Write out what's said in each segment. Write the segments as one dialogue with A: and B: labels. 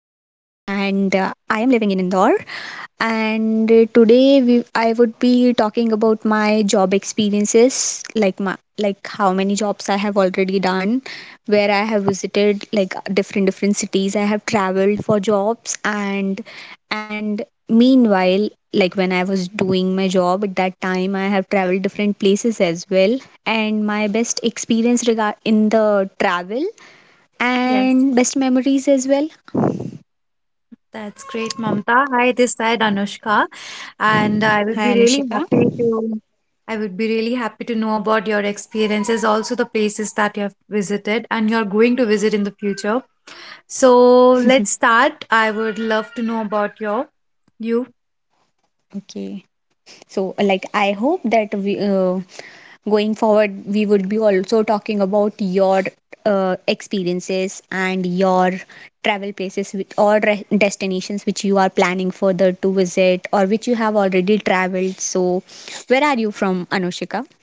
A: and I am living in Indore. I would be talking about my job experiences, like how many jobs I have already done, where I have visited, like different cities. I have traveled for jobs, and meanwhile, like when I was doing my job at that time, I have traveled different places as well. And my best experience regard in the travel
B: Yes,
A: and best memories as well.
B: that's great, Mamta. Hi, this side Anushka, and I would be
A: Hi,
B: really
A: Anishika.
B: happy to I would be really happy to know about your experiences, also the places that you have visited and you're going to visit in the future. So let's start. I would love to know about you.
A: Okay, so like I hope that we going forward we would be also talking about your experiences and your travel places with, or destinations which you are planning further to visit or which you have already traveled. So, where are you from, Anushika?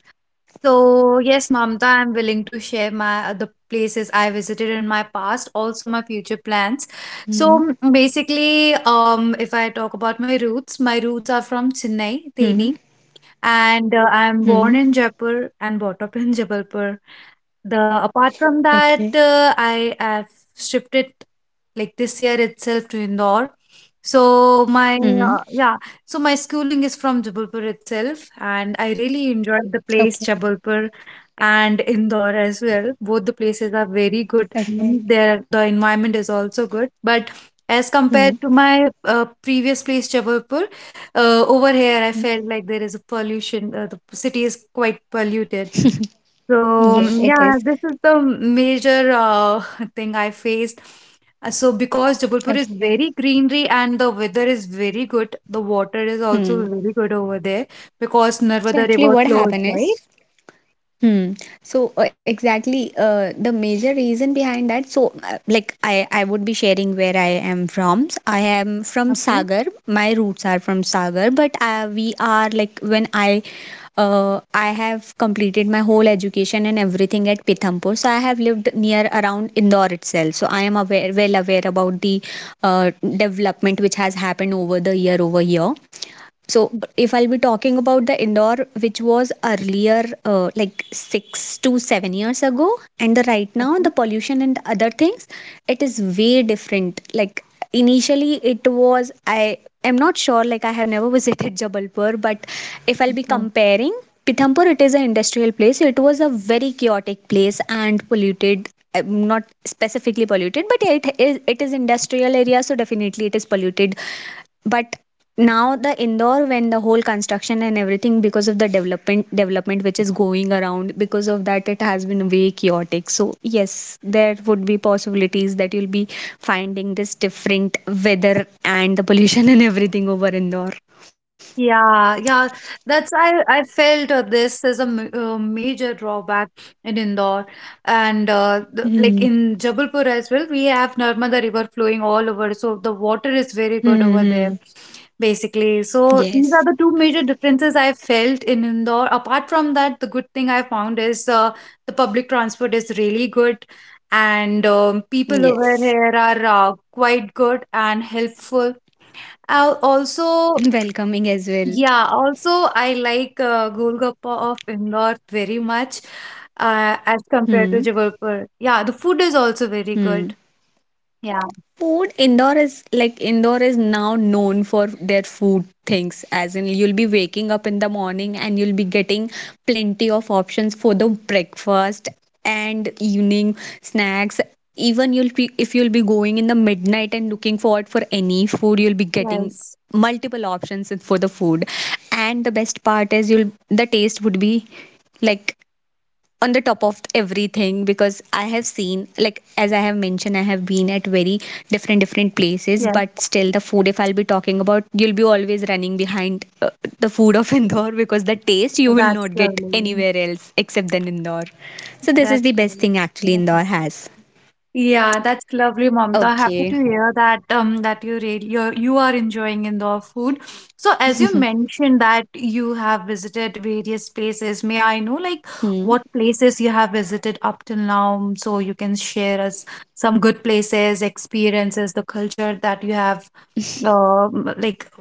B: So yes, Mamta, I'm willing to share my the places I visited in my past, also my future plans.
A: hmm
B: So basically, if I talk about my roots are from Chennai,
A: Hmm.
B: Teni, and I'm
A: Hmm.
B: born in Jaipur and brought up in Jabalpur. The Apart from
A: Okay.
B: that, I have shifted like this year itself to Indore. So my
A: Hmm.
B: Yeah, so my schooling is from Jabalpur itself, and I really enjoyed the place
A: Okay.
B: Jabalpur and Indore as well. Both the places are very good,
A: Okay.
B: and there, the environment is also good, but as compared to
A: Hmm.
B: my previous place Jabalpur, over here I felt like there is a pollution. The city is quite polluted, so,
A: Yes,
B: yeah,
A: it
B: this
A: is.
B: is the major thing I faced. So, because Jabalpur is very
A: Okay.
B: greenery and the weather is very good, the water is also
A: Hmm.
B: very good over there because Narmada
A: So
B: River
A: actually, what
B: flows,
A: happened
B: right?
A: is, hmm. The major reason behind that. I would be sharing where I am from. So, I am from
B: Okay.
A: Sagar. My roots are from Sagar, but we are like when I. I have completed my whole education and everything at Pithampur, so I have lived near around Indore itself. So I am aware, well aware about the uh, development which has happened over the year over here. So,
B: Mm,
A: if I'll be talking about the indoor, which was earlier, like 6 to 7 years ago, and the right now, the
B: Okay.
A: pollution and other things, it is way different. Like, initially, it was, I am not sure, like, I have never visited Jabalpur, but if I'll be
B: Okay.
A: comparing, Pithampur, it is an industrial place. So it was a very chaotic place and polluted. Not specifically polluted, but yeah, it is industrial area, so definitely it is polluted. But now the Indore, when the whole construction and everything, because of the development which is going around, because of that, it has been way chaotic. So yes, there would be possibilities that you'll be finding this different weather and the pollution and everything over Indore.
B: Yeah, yeah, that's, I felt, this is a m major drawback in Indore, and
A: hmm
B: like in Jabalpur as well, we have Narmada River flowing all over, so the water is very good
A: hmm
B: over
A: hmm.
B: there basically. So these
A: Yes.
B: are the two major differences I felt in Indore. Apart from that, the good thing I found is, the public transport is really good, and people over
A: Yes,
B: here are quite good and helpful. Also,
A: welcoming as well.
B: yeah, also I like Golgappa of Indore very much as compared to
A: hmm
B: Jabalpur. Yeah, the food is also very
A: hmm
B: good. Yeah.
A: Food indoor is like indoor is now known for their food things, as in you'll be waking up in the morning and you'll be getting plenty of options for the breakfast and evening snacks. Even you'll be, if you'll be going in the midnight and looking forward for any food, you'll be getting
B: Yes.
A: multiple options for the food. And the best part is you'll the taste would be like on the top of everything, because I have seen, like, as I have mentioned, I have been at very different places,
B: Yes,
A: but still the food, if I'll be talking about, you'll be always running behind, the food of indore, because the taste you will
B: that's
A: not get
B: lovely.
A: anywhere else except than indore. So this is
B: That's
A: the best
B: lovely.
A: thing actually indore has.
B: Yeah, that's lovely, Mamta.
A: Okay.
B: Happy to hear that, that you you are enjoying indoor food. So as you mentioned that you have visited various places, may I know, like,
A: Hmm.
B: what places you have visited up till now, so you can share us some good places, experiences, the culture that you have, like,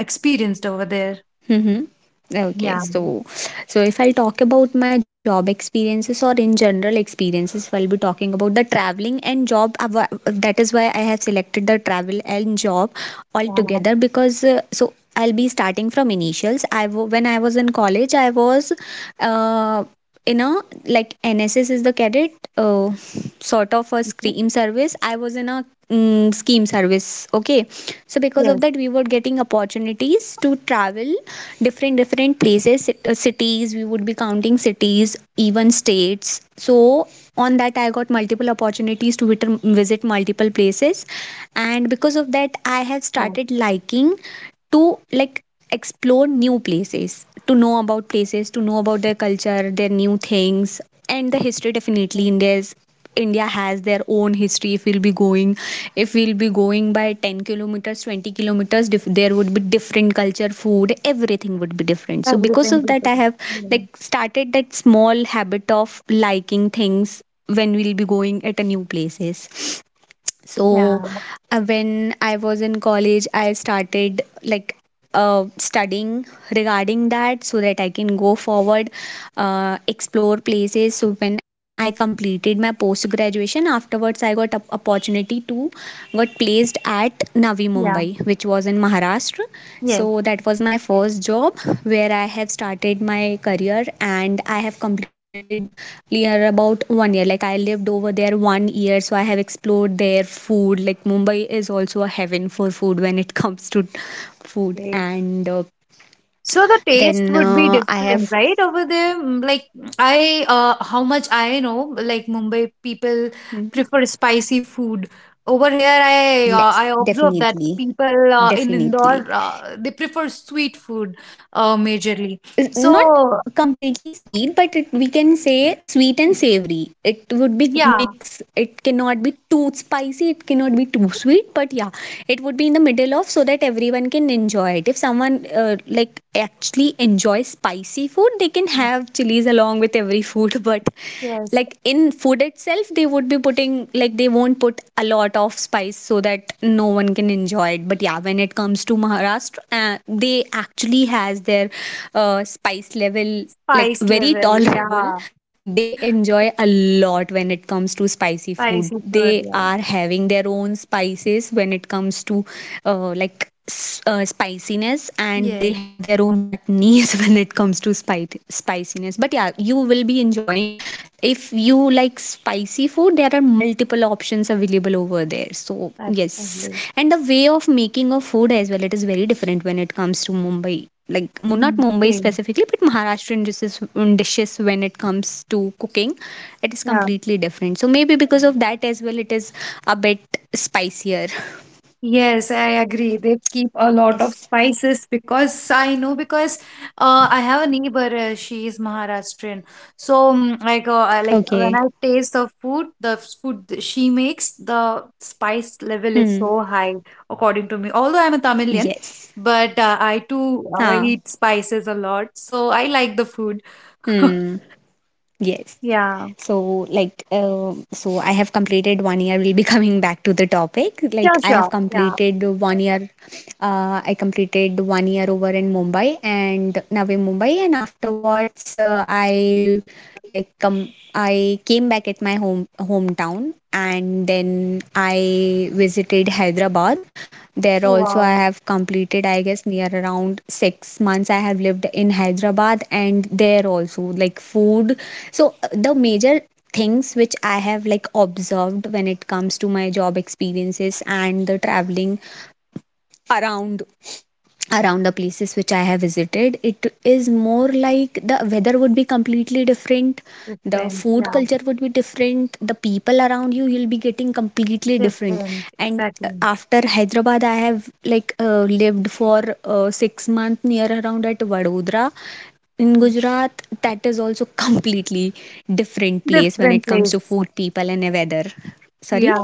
B: experienced over there.
A: Mhm. Okay,
B: Yeah.
A: so if I'll talk about my job experiences or in general experiences, if I'll be talking about the traveling and job. That is why I have selected the travel and job
B: Yeah.
A: altogether, because so I'll be starting from initials. When I was in college, I was uh, you know, like NSS is the cadet, uh, sort of a
B: Mhm.
A: scream service. I was in a scheme service. Okay, so because of
B: Yes.
A: that, we were getting opportunities to travel different places, cities. We would be counting cities, even states. So on that, I got multiple opportunities to visit multiple places, and because of that, I have
B: Yes.
A: started liking to like explore new places, to know about places, to know about their culture, their new things, and the history. Definitely,
B: Yes.
A: india has their own history. If we'll be going by 10 kilometers, 20 kilometers, there would be different culture, food, everything would be different. So because
B: Everything.
A: of that,
B: People
A: I
B: do.
A: have
B: Yeah.
A: like started that small habit of liking things when we'll be going at a new places. So when I was in college, I started like studying regarding that so that I can go forward, explore places. So when I completed my post graduation, afterwards, I got a opportunity to got placed at Navi
B: Yeah.
A: Mumbai, which was in Maharashtra.
B: Yeah.
A: So that was my first job where I have started my career and I have completed near about 1 year. Like I lived over there 1 year, so I have explored their food. Like Mumbai is also a heaven for food when it comes to food.
B: Yes.
A: And
B: So the taste
A: then
B: would be
A: I
B: different,
A: have,
B: right? Over there, like, how much I know, like Mumbai people
A: Mhm.
B: prefer spicy food. Over here, I
A: Yes,
B: observe that
A: definitely,
B: people in
A: definitely.
B: Indore they prefer sweet food, majorly.
A: Not
B: So,
A: completely sweet, but it, we can say sweet and savory. It would be
B: yeah,
A: mix. It cannot be too spicy, it cannot be too sweet, but yeah, it would be in the middle of, so that everyone can enjoy it. If someone, like, actually enjoys spicy food, they can
B: yes,
A: have chilies along with every food but
B: yes,
A: like in food itself, they would be putting, like, they won't put a lot of spice so that no one can enjoy it. But yeah, when it comes to maharashtra, they actually has their spice level, like
B: spice
A: very
B: level, yeah,
A: tolerable. They enjoy a lot when it comes to spicy food.
B: spicy food,
A: They
B: yeah,
A: are having their own spices when it comes to, spiciness, and they
B: yes,
A: have their own knees when it comes to spiciness. But yeah, you will be enjoying, if you like spicy food, there are multiple options available over there, so
B: that's
A: yes.
B: lovely.
A: And the way of making of food as well, it is very different when it comes to mumbai, like not mumbai
B: Same,
A: specifically, but maharashtrian dishes when it comes to cooking, it is
B: yeah.
A: completely different. So maybe because of that as well, it is a bit spicier.
B: Yes, I agree. They keep a lot of
A: Yes.
B: spices because I know, because I have a neighbor. She is Maharashtrian, so like, I like
A: Okay.
B: when I taste the food, the food she makes, the spice level is
A: Hmm.
B: so high according to me. Although I'm a Tamilian,
A: Yes.
B: but I too
A: Ah.
B: eat spices a lot, so I like the food.
A: Hmm. Yes.
B: Yeah,
A: So, like, so I have completed 1 year. We'll be coming back to the topic.
B: sure,
A: Like, I
B: sure.
A: have
B: Yeah.
A: completed 1 year. I completed 1 year over in Mumbai and now in Mumbai, and afterwards, I like come. I came back at my home hometown, and then I visited Hyderabad. There
B: Oh,
A: also, I
B: wow.
A: have completed, I guess, near around 6 months. I have lived in Hyderabad, and there also, like, food. So, the major things which I have like observed when it comes to my job experiences and the traveling around around the places which I have visited, it is more like the weather would be completely different, the
B: Different.
A: food
B: Yeah,
A: culture would be different, the people around you, you'll be getting completely different.
B: different.
A: And
B: Exactly.
A: after Hyderabad, I have like lived for 6 months near around at Vadodara in Gujarat. That is also completely different place when
B: Different
A: it comes to
B: place.
A: food, people, and weather. Sorry?
B: Yeah,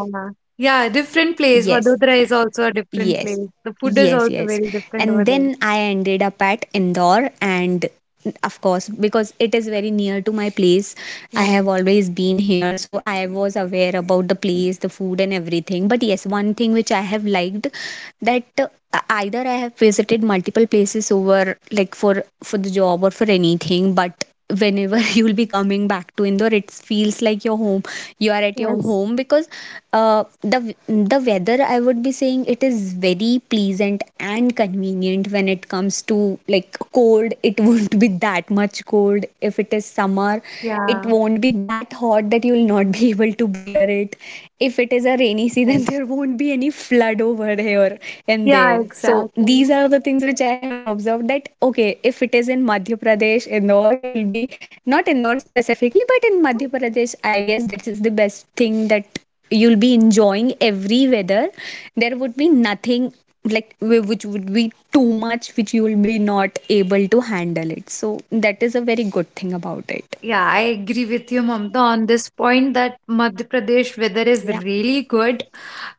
B: yeah, different place.
A: Yes.
B: Vadodara is also a different place.
A: Yes,
B: The food is
A: yes,
B: also
A: yes.
B: very different over
A: And
B: there.
A: then I ended up at Indore, and of course, because it is very near to my place, I
B: Yeah.
A: have always been here, so I was aware about the place, the food, and everything. But yes, one thing which I have liked, that either I have visited multiple places, over like for the job or for anything, but whenever you'll be coming back to Indore, it feels like your home. You are at your
B: Yes.
A: home, because the weather, I would be saying it is very pleasant and convenient when it comes to like cold. It won't be that much cold. If it is summer, it
B: Yeah.
A: won't be that hot that you'll not be able to bear it. If it is a rainy season there won't be any flood over here and
B: Yeah,
A: there. So
B: exactly.
A: these are the things which I have observed, that okay, if it is in madhya pradesh indore, you'll be not indore specifically, but in madhya pradesh, I guess, that is the best thing, that you'll be enjoying every weather, there would be nothing like which would be too much which you will be not able to handle it. So that is a very good thing about it.
B: Yeah, I agree with you, Mamta, on this point that Madhya Pradesh weather is
A: Yeah.
B: really good.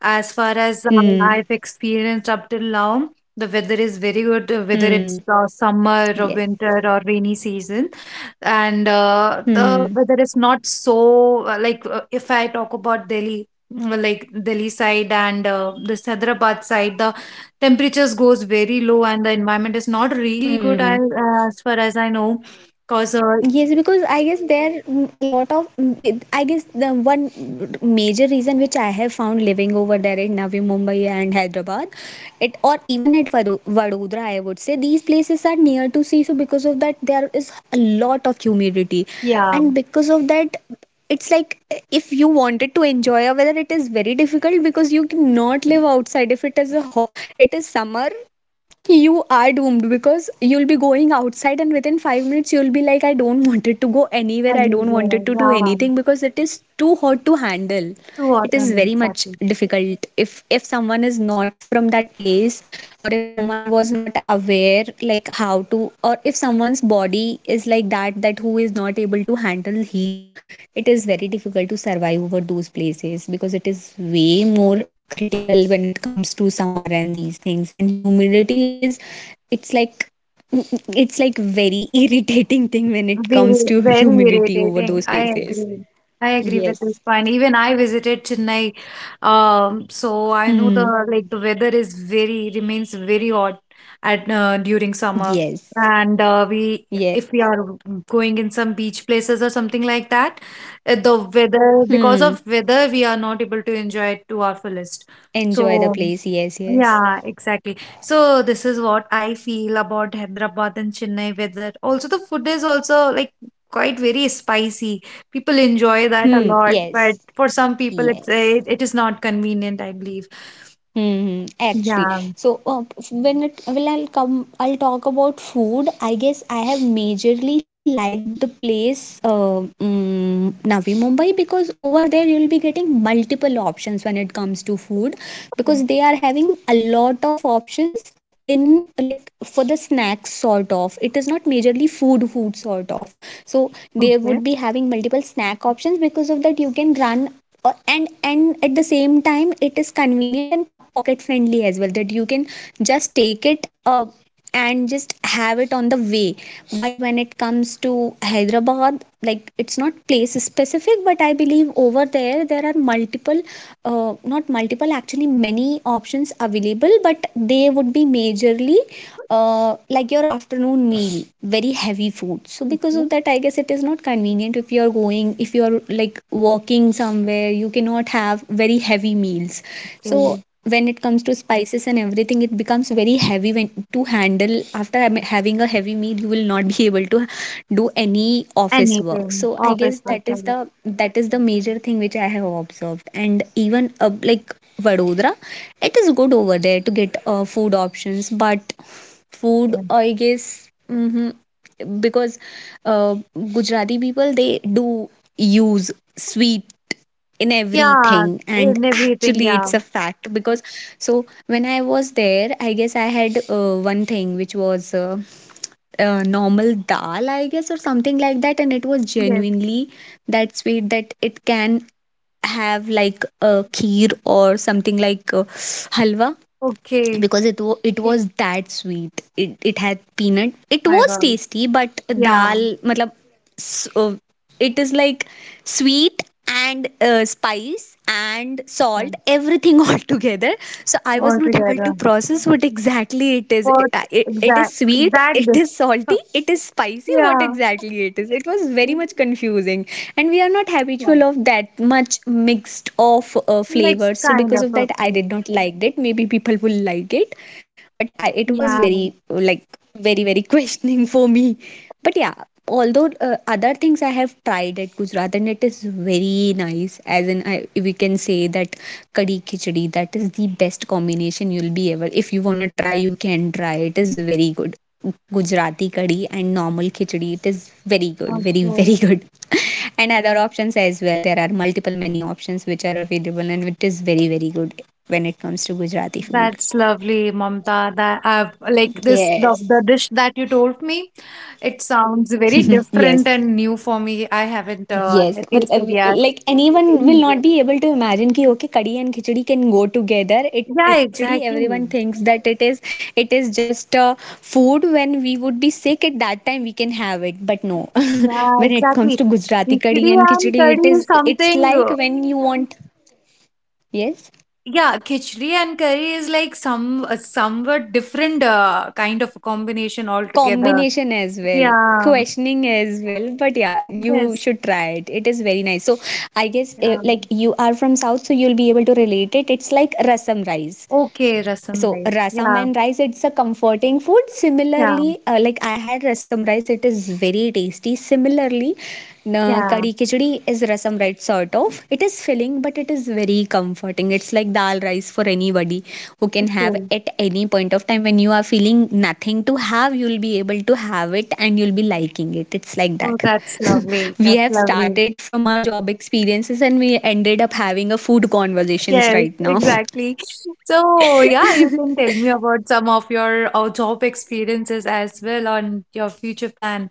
B: As far as
A: Hmm.
B: I've experienced up till now, the weather is very good, whether
A: Hmm.
B: it's summer or
A: Yes.
B: winter or rainy season. And
A: Hmm.
B: the weather is not so, like, if I talk about Delhi, like, Delhi side, and this Hyderabad side, the temperatures goes very low and the environment is not really good,
A: Hmm.
B: as far as I know. Because,
A: Yes, because I guess there a lot of I guess the one major reason which I have found living over there in Navi Mumbai and Hyderabad, it, or even at Vadodara, I would say these places are near to sea, so because of that there is a lot of humidity,
B: yeah.
A: and because of that it's like if you wanted to enjoy a weather, it is very difficult because you cannot live outside. If it is it is summer, you are doomed, because you'll be going outside and within 5 minutes you'll be like, I don't wanted to go anywhere, I don't
B: Anywhere,
A: wanted to do
B: yeah,
A: anything, because it is too hot to handle.
B: to
A: It is
B: autumn
A: very much
B: exactly.
A: difficult if someone is not from that place, or if someone was not aware, like how to, or if someone's body is like that, that who is not able to handle heat. It is very difficult to survive over those places because it is way more critical when it comes to summer and these things. And humidity, it's like it's like very irritating thing when it comes
B: Very,
A: to
B: very
A: humidity over those
B: irritating. I
A: places.
B: agree. I agree with
A: Yes.
B: this point. Even I visited Chennai, so I know,
A: Hmm.
B: the like, the weather is very, remains very hot at, during summer,
A: Yes,
B: and we
A: yes.
B: if we are going in some beach places or something like that, the weather,
A: Hmm,
B: because of weather, we are not able to enjoy it to our fullest.
A: enjoy the place.
B: So,
A: Yes, yes.
B: yeah, exactly. So this is what I feel about Hyderabad and Chennai weather. Also, the food is also, like, quite very spicy. People enjoy that
A: Hmm.
B: a lot, but
A: Yes,
B: for some people,
A: yes.
B: it is not convenient, I believe.
A: Hmm, actually,
B: Yeah.
A: so uh, when it well, I'll talk about food. I guess I have majorly liked the place, Navi Mumbai, because over there you'll be getting multiple options when it comes to food, because they are having a lot of options in, like, for the snacks sort of. It is not majorly food, food sort of. So they
B: Okay.
A: would be having multiple snack options, because of that you can run and at the same time it is convenient and pocket friendly as well, that you can just take it and just have it on the way. But when it comes to Hyderabad, like, it's not place specific, but I believe over there there are multiple not multiple, actually many options available, but they would be majorly like your afternoon meal, very heavy food. So because of that I guess it is not convenient, if you are going, if you are like walking somewhere, you cannot have very heavy meals. So
B: Okay.
A: when it comes to spices and everything it becomes very heavy when to handle. After having a heavy meal you will not be able to do any office work.
B: Anything.
A: So I guess
B: Office work.
A: that
B: Yeah.
A: is the that is the major thing which I have observed. And even like Vadodara. It is good over there to get food options, but food,
B: Okay.
A: I guess, because uh, Gujarati people they do use sweet in
B: Yeah.
A: everything. And
B: And everything.
A: actually
B: Yeah.
A: it's a fact, because so when I was there I guess I had one thing which was normal dal, I guess, or something like that, and it was
B: Yes.
A: genuinely that sweet that it can have like a kheer or something like halwa,
B: Okay.
A: because it was that sweet. It had peanut. It
B: My
A: was
B: God.
A: tasty, but
B: Yeah.
A: dal, matlab, s- uh, it is like sweet and spice and salt,
B: Yeah.
A: everything all together. So I was
B: All
A: not able to
B: together.
A: process what exactly it is.
B: What
A: It is
B: exact
A: sweet,
B: exact
A: it
B: this.
A: is salty, it is spicy, what
B: Yeah.
A: exactly it is, it was
B: Yeah.
A: very much confusing. And we are not habitual of that much mixed of flavors,
B: Mixed
A: so
B: kind
A: because
B: of
A: of
B: a
A: that I
B: food.
A: did not like it. Maybe people will like it, but it was
B: Yeah.
A: very, like, very very questioning for me. But yeah, although other things I have tried at Gujarat and it is very nice, as in we can say that kadhi khichdi, that is the best combination you'll be ever, if you want to try you can try, it is very good. Gujarati kadhi and normal khichdi, it is very good, very very
B: Okay.
A: good. And other options as well, there are multiple menu options which are available, and it is very very good when it comes to Gujarati food.
B: That's lovely, Mamta. That I've, like, this the,
A: Yes.
B: the dish that you told me. It sounds very
A: Yes.
B: different and new for me. I haven't
A: Yes, but
B: tasted yet.
A: like, anyone will
B: Mm.
A: not be able to imagine ki okay, kadi and khichdi can go together.
B: Yeah,
A: Khichdi, everyone
B: exactly.
A: thinks that it is just food. When we would be sick, at that time, we can have it. But no,
B: Yeah,
A: when it comes
B: exactly.
A: to Gujarati kadi
B: Khichdi
A: and
B: and
A: khichdi,
B: curry is
A: it's
B: something,
A: like when you want. Yes,
B: yeah, khichdi and curry is like somewhat different kind of a combination altogether.
A: combination as well,
B: Yeah.
A: questioning as well, but yeah, you
B: Yes.
A: should try it, it is very nice. So I guess
B: Yeah.
A: like you are from south, so you'll be able to relate it, it's like rasam rice.
B: Okay, rasam
A: So
B: rice.
A: rasam
B: Yeah,
A: and rice, it's a comforting food.
B: yeah,
A: Similarly like I had rasam rice, it is very tasty. Similarly
B: yeah.
A: kari khichdi is rasam rice sort of. It is filling but it is very comforting, it's like dal rice for anybody who can have
B: Okay.
A: at any point of time, when you are feeling nothing to have you'll be able to have it and you'll be liking it, it's like
B: Oh,
A: that.
B: that's lovely.
A: We
B: That's
A: have
B: lovely.
A: started from our job experiences and we ended up having a food conversations
B: Yes,
A: right now.
B: exactly. So, yeah, you can tell me about some of your job experiences as well on your future plan.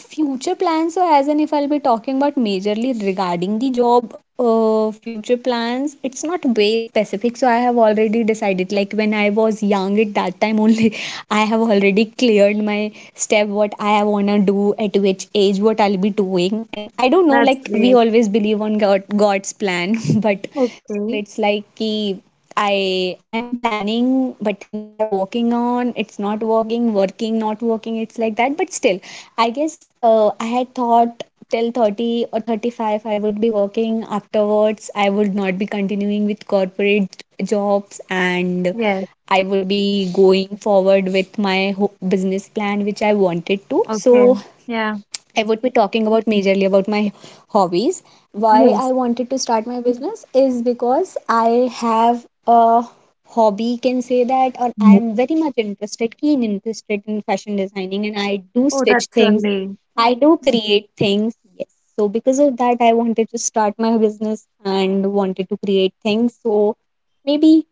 A: Future plans, so as in, if I'll be talking about majorly regarding the job, future plans, it's not way specific. So I have already decided, like when I was young at that time only, I have already cleared my step what I wanna do, at which age what I'll be doing. And I don't know,
B: That's
A: like we
B: great.
A: always believe on god, god's plan, but still
B: Okay.
A: it's like ki, I am planning, but things are working on. It's not working, working, not working. It's like that. But still, I guess I had thought till 30 or 35 I would be working. Afterwards, I would not be continuing with corporate jobs, and
B: Yes.
A: I would be going forward with my business plan, which I wanted to. So
B: Okay. Yeah.
A: I would be talking about majorly about my hobbies. Why I
B: Yes.
A: wanted to start my business is because I have a hobby, can say that, or I
B: Mm.
A: am very much interested, keen interested in fashion designing, and I do
B: Oh,
A: stitch
B: that's
A: things,
B: lovely.
A: I do create things. Yes. So because of that, I wanted to start my business and wanted to create things. So maybe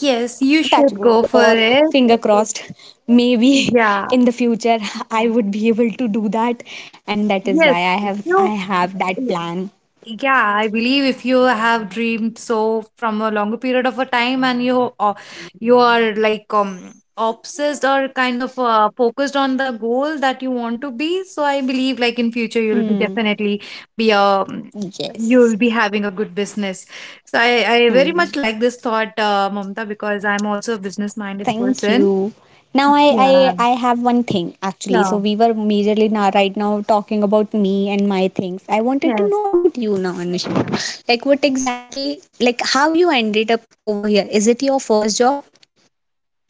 B: Yes, you
A: touch
B: should
A: wood,
B: go for
A: or
B: it.
A: finger crossed, maybe
B: Yeah.
A: in the future I would be able to do that. And that is
B: Yes.
A: why i have i
B: You.
A: have that plan.
B: Yeah, I believe if you have dreamed so from a longer period of a time, and you are, like, obsessed or kind of focused on the goal that you want to be, so I believe, like, in future you'll be
A: Hmm.
B: definitely be a you'll
A: Yes.
B: be having a good business. So I very
A: Hmm.
B: much like this thought, Mamta, because I'm also a business minded
A: Thank
B: person.
A: you. Now, I,
B: Yeah,
A: I i have one thing actually.
B: yeah,
A: So we were majorly now, right now, talking about me and my things, I wanted to
B: yes.
A: know about you now, Anushka. Like, what exactly, like how you ended up over here, is it your first job?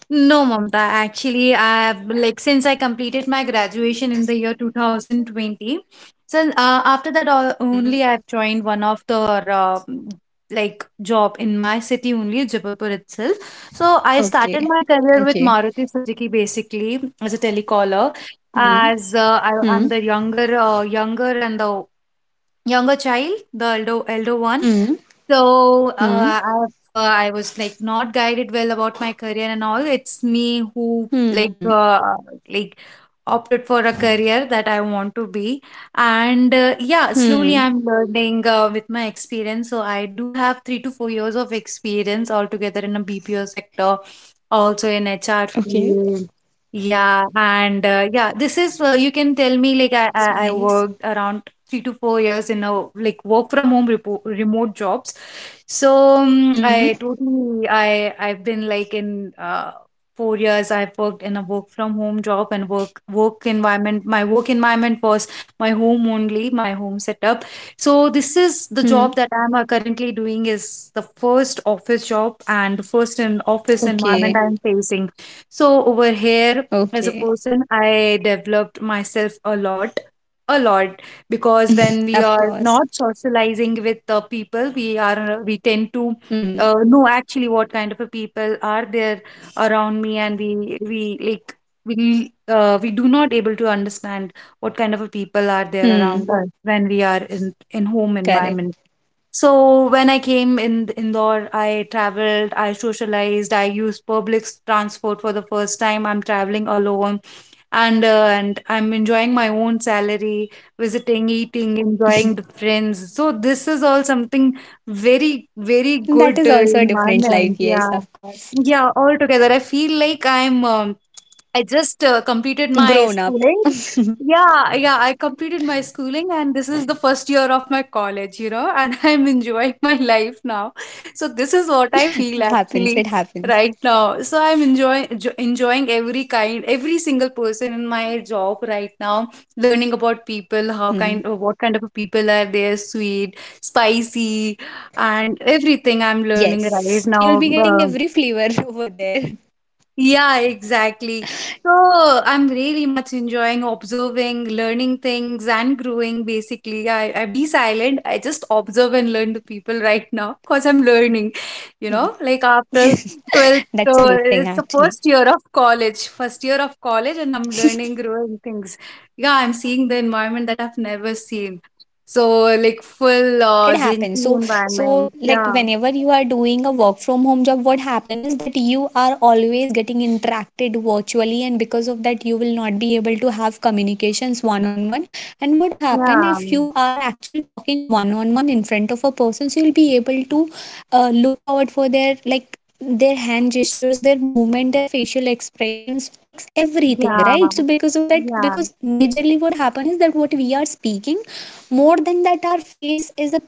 B: No, Mamta. Actually, I like, since I completed my graduation in the year 2020. So after that,
A: Hmm.
B: only I've joined one of the like, job in my city only, Jabalpur itself. So I
A: Okay.
B: started my career
A: Okay.
B: with Maruti Suzuki basically as a telecaller.
A: Hmm.
B: As I'm
A: Hmm.
B: the younger, younger and the younger child, the elder one.
A: Hmm.
B: So,
A: Hmm.
B: I was, like, not guided well about my career and all. It's me who,
A: Hmm.
B: like, opted for a career that I want to be, and yeah,
A: Hmm.
B: slowly I'm learning with my experience. So I do have 3 to 4 years of experience altogether in a BPO sector, also in HR
A: Okay.
B: field. Yeah, and yeah, this is, you can tell me, like, I
A: That's
B: I, I
A: nice.
B: worked around 3 to 4 years in a, like, work from home remote jobs. So,
A: Hmm.
B: I've been, like, in 4 years. I've worked in a work from home job and work environment. My work environment was my home only, my home setup. So this is the job
A: Hmm.
B: that I'm currently doing, is the first office job and the first in office environment
A: Okay.
B: I'm facing. So over here, as a
A: Okay.
B: person, I developed myself a lot, a lot, because when
A: Of
B: we are
A: course.
B: not socializing with the people, we tend to
A: Hmm.
B: know actually what kind of a people are there around me, and we like, we do not able to understand what kind of a people are there
A: Hmm.
B: around us when we are in home
A: Correct.
B: environment. So when I came in Indore, I traveled, I socialized, I used public transport. For the first time, I'm traveling alone, and and I'm enjoying my own salary, visiting, eating, enjoying the friends. So this is all something very, very
A: That
B: good
A: is also a different life,
B: environment.
A: yes,
B: Yeah,
A: of course.
B: yeah, all together. I feel like I just completed my
A: Grown up.
B: schooling. Yeah, yeah, I completed my schooling, and this is the first year of my college, and I'm enjoying my life now. So, this is what I feel
A: Happens.
B: actually
A: It happens.
B: right now. So, I'm enjoying, enjoying every kind, every single person in my job right now, learning about people, how
A: Hmm.
B: kind, what kind of people are there, sweet, spicy, and everything I'm learning
A: Yes.
B: right now.
A: You'll be getting
B: uh,
A: every flavor over there.
B: yeah, exactly. So I'm really much enjoying observing, learning things, and growing. Basically, I be silent. I just observe and learn to people right now because I'm learning. Like, after 12th,
A: That's a good
B: it's
A: thing,
B: the first
A: actually.
B: year of college, first year of college, and I'm learning, growing things. Yeah, I'm seeing the environment that I've never seen. So, like, full
A: It
B: Zen
A: happens, so
B: environment.
A: like
B: Yeah,
A: whenever you are doing a work from home job, what happen is that you are always getting interacted virtually, and because of that you will not be able to have communications one on one. And what happen,
B: yeah,
A: if you are actually talking one on one in front of a person, so you'll be able to look forward for their, like their hand gestures, their movement, their facial expressions, everything,
B: yeah,
A: right? So because of that,
B: yeah.
A: because majorly what happen is that what we are speaking, more than that our face is a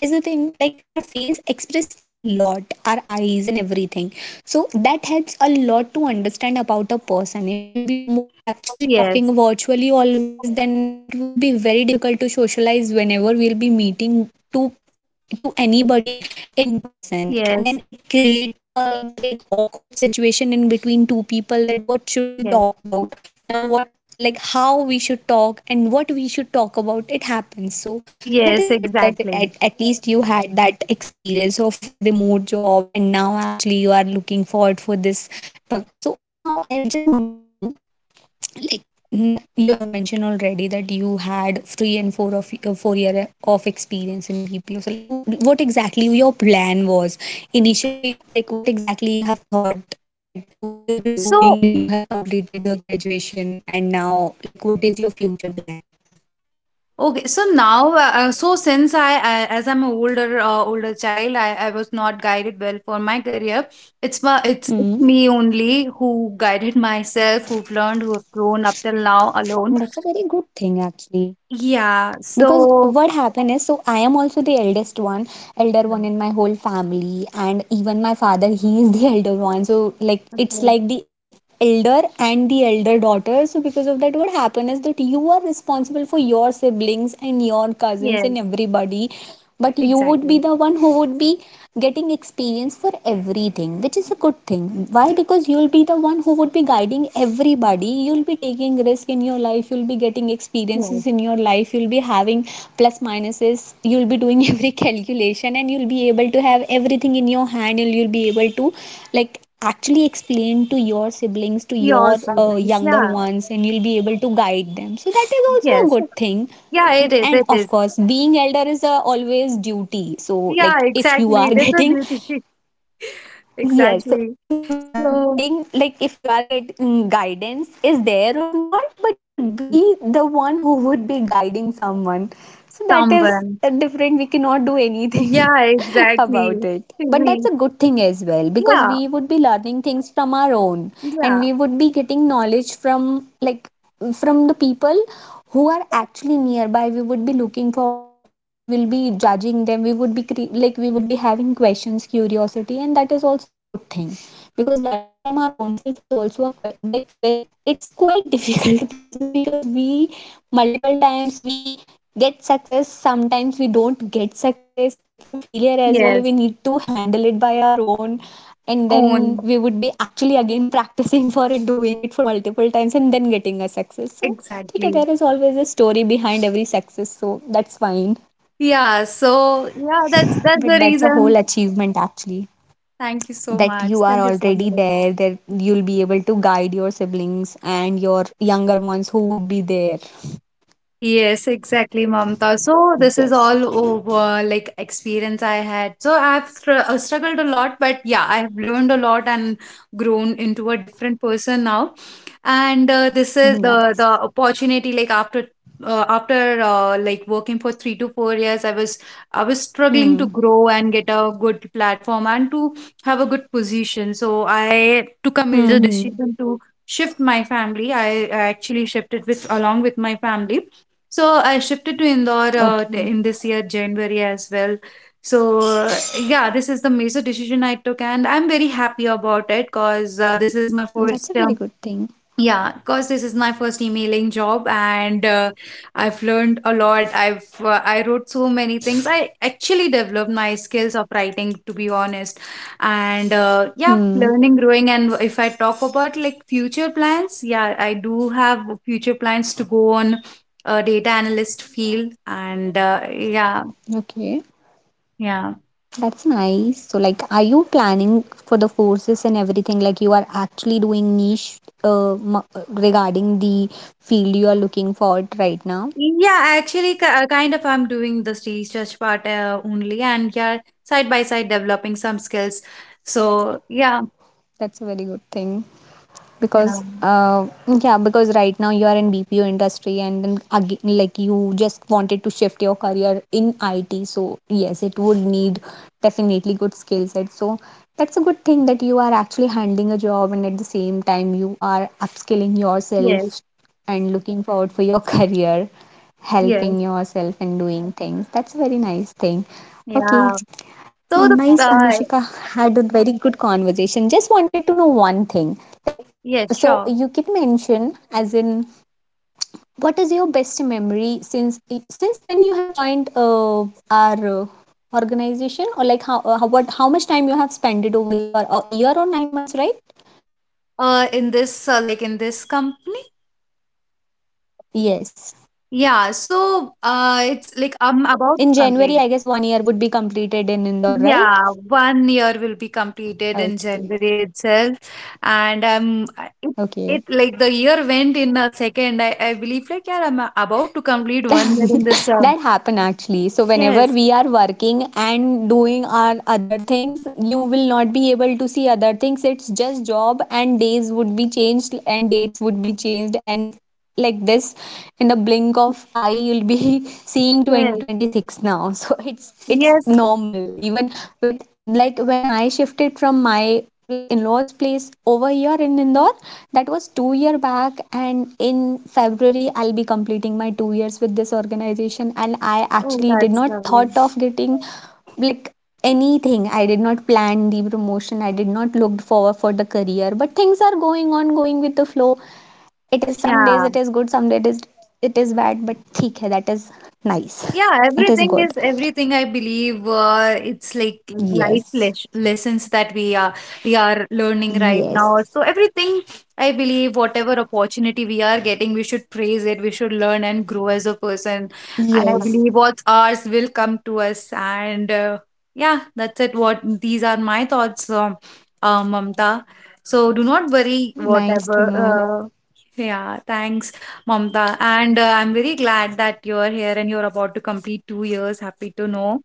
A: is a thing, like our face express a lot, our eyes and everything, so that helps a lot to understand about a person. If you'll be actually
B: Yes.
A: talking virtually always, then it would be very difficult to socialize, whenever never will be meeting to, like, to anybody in person. And
B: Yes,
A: then it create a like awkward situation in between two people, that what should we
B: yes,
A: talk about now, what, like how we should talk and what we should talk about. It happens. So that is
B: yes,
A: good that at,
B: exactly.
A: at least you had that experience of remote job, and now actually you are looking forward for this. So now I just wanted to know, like you have mentioned already that you had three and four of 4 year of experience in BPO, so like what exactly your plan was initially, like what exactly you have thought that what you'll be doing
B: So,
A: when you have completed your graduation, and now like what is your future plan.
B: okay, so now, since I as I'm an older, older child, I was not guided well for my career. It's
A: Hmm.
B: me only who guided myself, who've learned, who have grown up till now alone.
A: That's a very good thing, actually.
B: Yeah,
A: Because
B: so,
A: what happened is, so I am also the eldest one, elder one
B: Mm,
A: in my whole family, and even my father he is the elder one. So like it's
B: okay,
A: like the elder and the elder daughter. So because of that, what happened is that you are responsible for your siblings and your cousins and
B: yes,
A: everybody, but you would be
B: exactly.
A: the one who would be getting experience for everything, which is a good thing. Why? Because you'll be the one who would be guiding everybody. You'll be taking risk in your life, you'll be getting
B: Yes,
A: experiences in your life, you'll be having plus minuses, you'll be doing every calculation, and you'll be able to have everything in your hand, and you'll be able to like actually explain to your siblings, to
B: your
A: your
B: siblings,
A: younger
B: yeah,
A: ones, and you'll be able to guide them. So that is also a
B: yes,
A: good thing.
B: yeah, it is,
A: And
B: it
A: of
B: is.
A: course being elder is a always duty, so
B: Yeah,
A: like if you
B: exactly.
A: are
B: It is a
A: getting,
B: duty,
A: yes, so
B: exactly.
A: if you are getting,
B: So,
A: like if you are getting guidance is there or not, but you'll be the one who would be guiding someone. So that is
B: someone.
A: different, we cannot do anything
B: Yeah, exactly.
A: about it. But that's
B: We,
A: a good thing as well, because
B: yeah,
A: we would be learning things from our own, and
B: yeah,
A: we would be getting knowledge from like, from the people who are actually nearby. We would be looking forward to them, we will be judging them, we would be like we would be having questions, curiosity, and that is also a good thing. Because learning from our own self is also a quite like very, it's quite difficult process, because we multiple times we get success, sometimes we don't get success, it's a failure as well, we
B: yes,
A: need to handle it by our own. And
B: own,
A: then we would be actually again practicing for it, doing it for multiple times and then getting a success. So okay,
B: exactly.
A: there is always a story behind every success, so that's fine.
B: Yeah, so yeah, that's the
A: But that's a
B: reason.
A: whole achievement actually,
B: Thank you so
A: that
B: much.
A: you are
B: Thank you so
A: already
B: much.
A: there, that you'll be able to guide your siblings and your younger ones who would be there.
B: Yes, exactly, Mamta. So this is
A: Yes.
B: all over like experience I had. So I've struggled a lot, but yeah, I have learned a lot and grown into a different person now. And this is
A: Hmm,
B: the
A: nice.
B: opportunity like after like working for 3 to 4 years, I was struggling to
A: Hmm,
B: grow and get a good platform and to have a good position. So I took a
A: hmm.
B: major
A: Hmm.
B: decision to shift my family. I actually shifted with along with my family, so I shifted to Indore
A: Okay.
B: in this year, January as well. So yeah, this is the major decision I took, and I'm very happy about it because this is my
A: That's a
B: first
A: very good thing.
B: yeah, because this is my first emailing job, and I've learned a lot. I wrote so many things. I actually developed my skills of writing, to be honest. And yeah,
A: Hmm.
B: learning, growing, and if I talk about like future plans, yeah, I do have future plans to go on a data analyst field, and yeah,
A: Okay.
B: yeah.
A: That's nice. So, like, are you planning for the courses and everything? Like, you are actually doing niche regarding the field you are looking for right now?
B: Yeah, actually, kind of, I'm doing the research part only, and yeah, side by side developing some skills. So yeah,
A: That's a very good thing,
B: yeah,
A: because yeah, because right now you are in BPO industry, and then again like you just wanted to shift your career in IT, so yes, it would need definitely good skill set. So that's a good thing, that you are actually handling a job and at the same time you are upskilling
B: yes,
A: yourself and looking forward for your career,
B: yes,
A: helping yourself and doing things. That's a very nice thing. Okay.
B: yeah. So the
A: Nice,
B: uh,
A: Anushika. Had a very good conversation. Just wanted to know one thing. Like,
B: yes,
A: so
B: sure.
A: you can mention, as in, what is your best memory since when you have joined our organization, or like how much time you have spent over your a year or 9 months, right?
B: In this like in this company,
A: Yes.
B: yeah. So it's like I'm about
A: In
B: to
A: January, I
B: complain.
A: guess one year would be completed in Indore, right?
B: Yeah, 1 year will be completed in
A: Okay.
B: January itself, and it,
A: Okay.
B: it like the year went in a second. I believe like yeah, I'm about to complete 1 year in this.
A: That happen actually, so whenever
B: Yes,
A: we are working and doing our other things, you will not be able to see other things, it's just job, and days would be changed and dates would be changed and like this, in the blink of eye you'll be seeing
B: yes,
A: 2026 now. So it's
B: yes.
A: normal even with like, when I shifted from my like in-laws place over here in Indore, that was 2-year back, and in February I'll be completing my 2 years with this organization. And I
B: Oh,
A: actually did
B: that's
A: not
B: lovely.
A: thought of getting like anything, I did not plan the promotion, I did not look forward for the career, but things are going on, going with the flow. It is, some days
B: Yeah.
A: it is good, some days it is, it is bad, but theek hai, that is nice,
B: Yeah,
A: it is
B: everything is
A: good.
B: everything. I believe it's like life
A: Yes.
B: lessons that we are learning right now.
A: Yes.
B: So everything, I believe, whatever opportunity we are getting, we should praise it. We should learn and grow as a person. And I
A: Yes.
B: believe what's ours will come to us. And yeah, that's it. What these are my thoughts, Mamta. So do not worry.
A: Nice to
B: Whatever.
A: know.
B: Yeah. Thanks. Mamta, and I'm very glad that you're here and you're about to complete 2 years. Happy to know.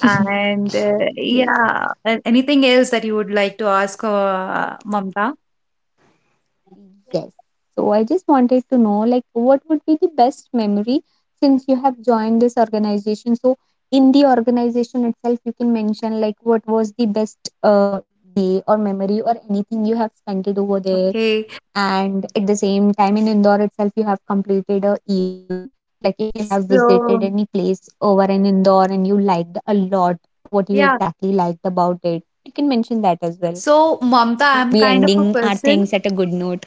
B: And
A: Yes.
B: yeah, anything else that you would like to ask, Mamta?
A: Yes. So I just wanted to know, like, what would be the best memory since you have joined this organization? So in the organization itself, you can mention like what was the best uh, day or memory or anything you have spent it over there.
B: Okay.
A: And at the same time, in Indore itself, you have completed a year. Like if you have visited
B: So,
A: any place over in Indore and you liked a lot, what you
B: yeah.
A: exactly liked about it, you can mention that as well.
B: So, Mamta,
A: So we'll
B: I'm
A: be
B: kind of a
A: ending our
B: person.
A: things at a good note.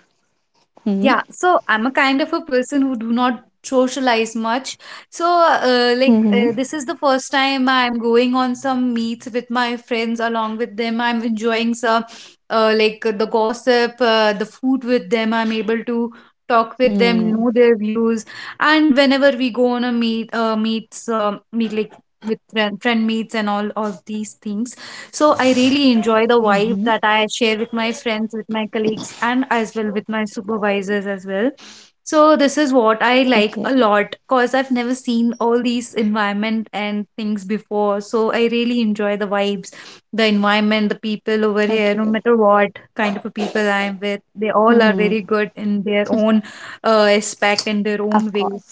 A: Hmm.
B: Yeah, so I'm a kind of a person who do not socialize much. So
A: Hmm. Hmm.
B: this is the first time I'm going on some meets with my friends along with them. I'm enjoying some the gossip, the food with them. I'm able to talk with them,
A: Hmm.
B: know their views. And whenever we go on a meet meets meet like with friend meets and all these things, so I really enjoy the
A: Hmm, hmm.
B: vibe that I share with my friends, with my colleagues, and as well with my supervisors as well. So this is what I like
A: Okay.
B: a lot because I've never seen all these environment and things before. So I really enjoy the vibes, the environment, the people over here, no
A: Okay.
B: matter what kind of a people I am with, they
A: Hmm,
B: all are
A: hmm.
B: very good in their own aspect in their
A: Of
B: own way.
A: course.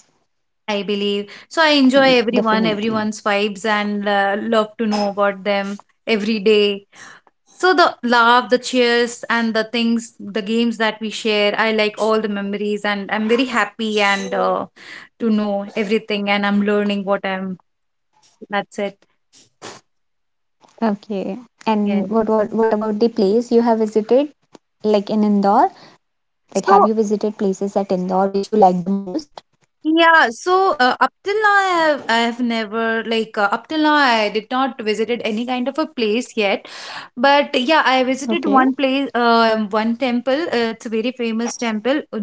B: I believe. So I
A: Mm,
B: enjoy everyone,
A: definitely.
B: everyone's vibes, and love to know about them every day, so the love, the cheers, and the things, the games that we share, I like all the memories, and I'm very happy and to know everything, and I'm learning what I'm. That's it.
A: Okay.
B: Yes.
A: And what about the place you have visited? Like in Indore? Like, have
B: So
A: you visited places at Indore which you like the most?
B: yeah, so up till now I have never like up till now I did not visited any kind of a place yet. But yeah, I visited
A: Okay.
B: one place, one temple. It's a very famous temple,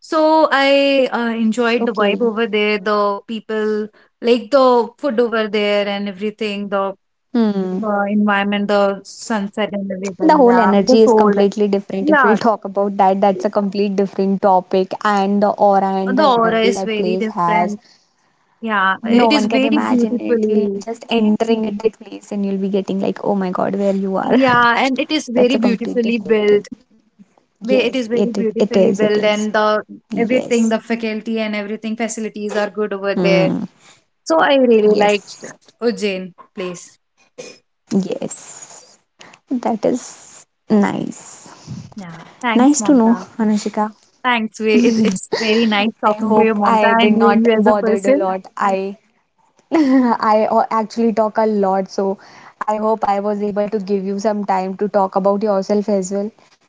B: so I enjoyed the vibe
A: Okay.
B: over there, the people, like the food over there and everything, the
A: Hmm.
B: environment, the sunset and
A: The
B: everything.
A: whole
B: Yeah, the
A: energy is
B: soul.
A: completely different. If
B: Yeah,
A: we'll talk about that, that's a complete different topic. And the aura and the
B: the aura
A: energy
B: is
A: that
B: very
A: place has,
B: different. Yeah,
A: no
B: it
A: one
B: is
A: can
B: very
A: imagine it. You'll be
B: beautiful.
A: just entering at that place and you'll be getting like, oh my god, where you are.
B: Yeah, and it is
A: That's
B: very
A: a complete
B: beautifully
A: different
B: built.
A: thing.
B: It
A: Yes,
B: is
A: it
B: very
A: it, it
B: beautifully
A: is, it
B: built,
A: is.
B: and the everything, the
A: Yes.
B: faculty and everything, facilities are good over there.
A: Hmm.
B: So I really liked
A: Yes.
B: Ujjain place.
A: Yes. That is nice.
B: Yeah, thanks,
A: Nice to know,
B: Mamta.
A: Anushika.
B: Thanks. It, it's very nice
A: I
B: talking to you,
A: hope I
B: Mamta,
A: did
B: and knowing
A: not
B: you as a
A: bothered a
B: person.
A: lot. I actually talk a lot, so I hope I was able to give you some time to talk about yourself as well,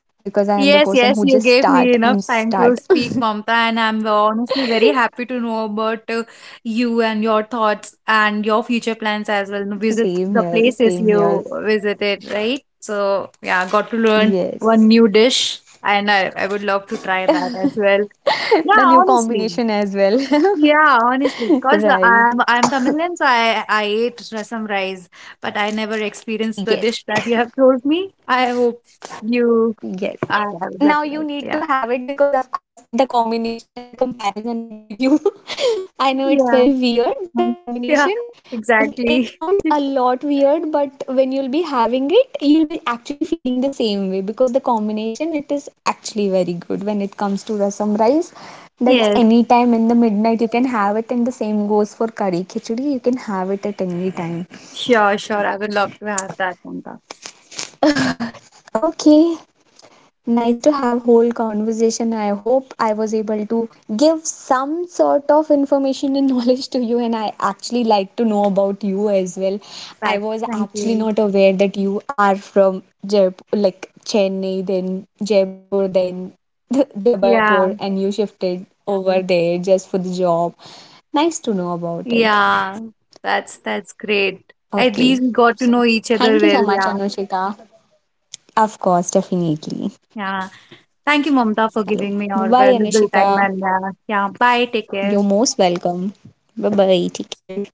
A: because I am the
B: Yes,
A: person who
B: yes,
A: just
B: you gave
A: start
B: me
A: and
B: enough time
A: start.
B: to speak, Mamta, and I'm honestly very happy to know about you and your thoughts and your future plans as well. Visit
A: Same
B: the
A: here,
B: places
A: same
B: you
A: here.
B: visited, right? So, yeah, got to learn one
A: Yes.
B: new dish, and I would love to try that as well. Yeah,
A: The new
B: honestly.
A: combination as well.
B: Yeah, honestly, because
A: Right.
B: I'm Tamilian, so I ate rasam rice, but I never experienced the dish
A: Yes.
B: that you have told me. I hope you
A: Yes.
B: I would
A: Now
B: like to
A: you
B: try it.
A: need to
B: Yeah.
A: have it, because of course, the combination and the comparison I gave you. I know it's very
B: Yeah.
A: weird, but the
B: um,
A: combination,
B: Yeah,
A: it
B: exactly.
A: sounds a lot weird, but when you'll be having it, you'll be actually feeling the same way, because the combination, it is actually very good when it comes to rasam rice. That's
B: Yes,
A: any time in the midnight you can have it, and the same goes for curry khichdi. You can have it at any time.
B: sure, sure. I would love to have that one. That,
A: Okay, nice to have whole conversation. I hope I was able to give some sort of information and knowledge to you, and I actually like to know about you as well. I
B: thank
A: was
B: you.
A: actually not aware that you are from Jaipur, like Chennai, then Jaipur, then
B: Yeah,
A: Jabalpur, and you shifted over there just for the job. Nice to know about it.
B: yeah. That's great. At
A: Okay.
B: least we got to know
A: So,
B: each other
A: thank you
B: well.
A: so much,
B: Yeah,
A: Anushika. Of course, definitely.
B: yeah. Thank you, Mamta, for
A: Hello.
B: giving me
A: Bye
B: your
A: bye,
B: valuable time.
A: Anushika.
B: And yeah, bye. Take care.
A: You're most welcome. Bye bye. Take care.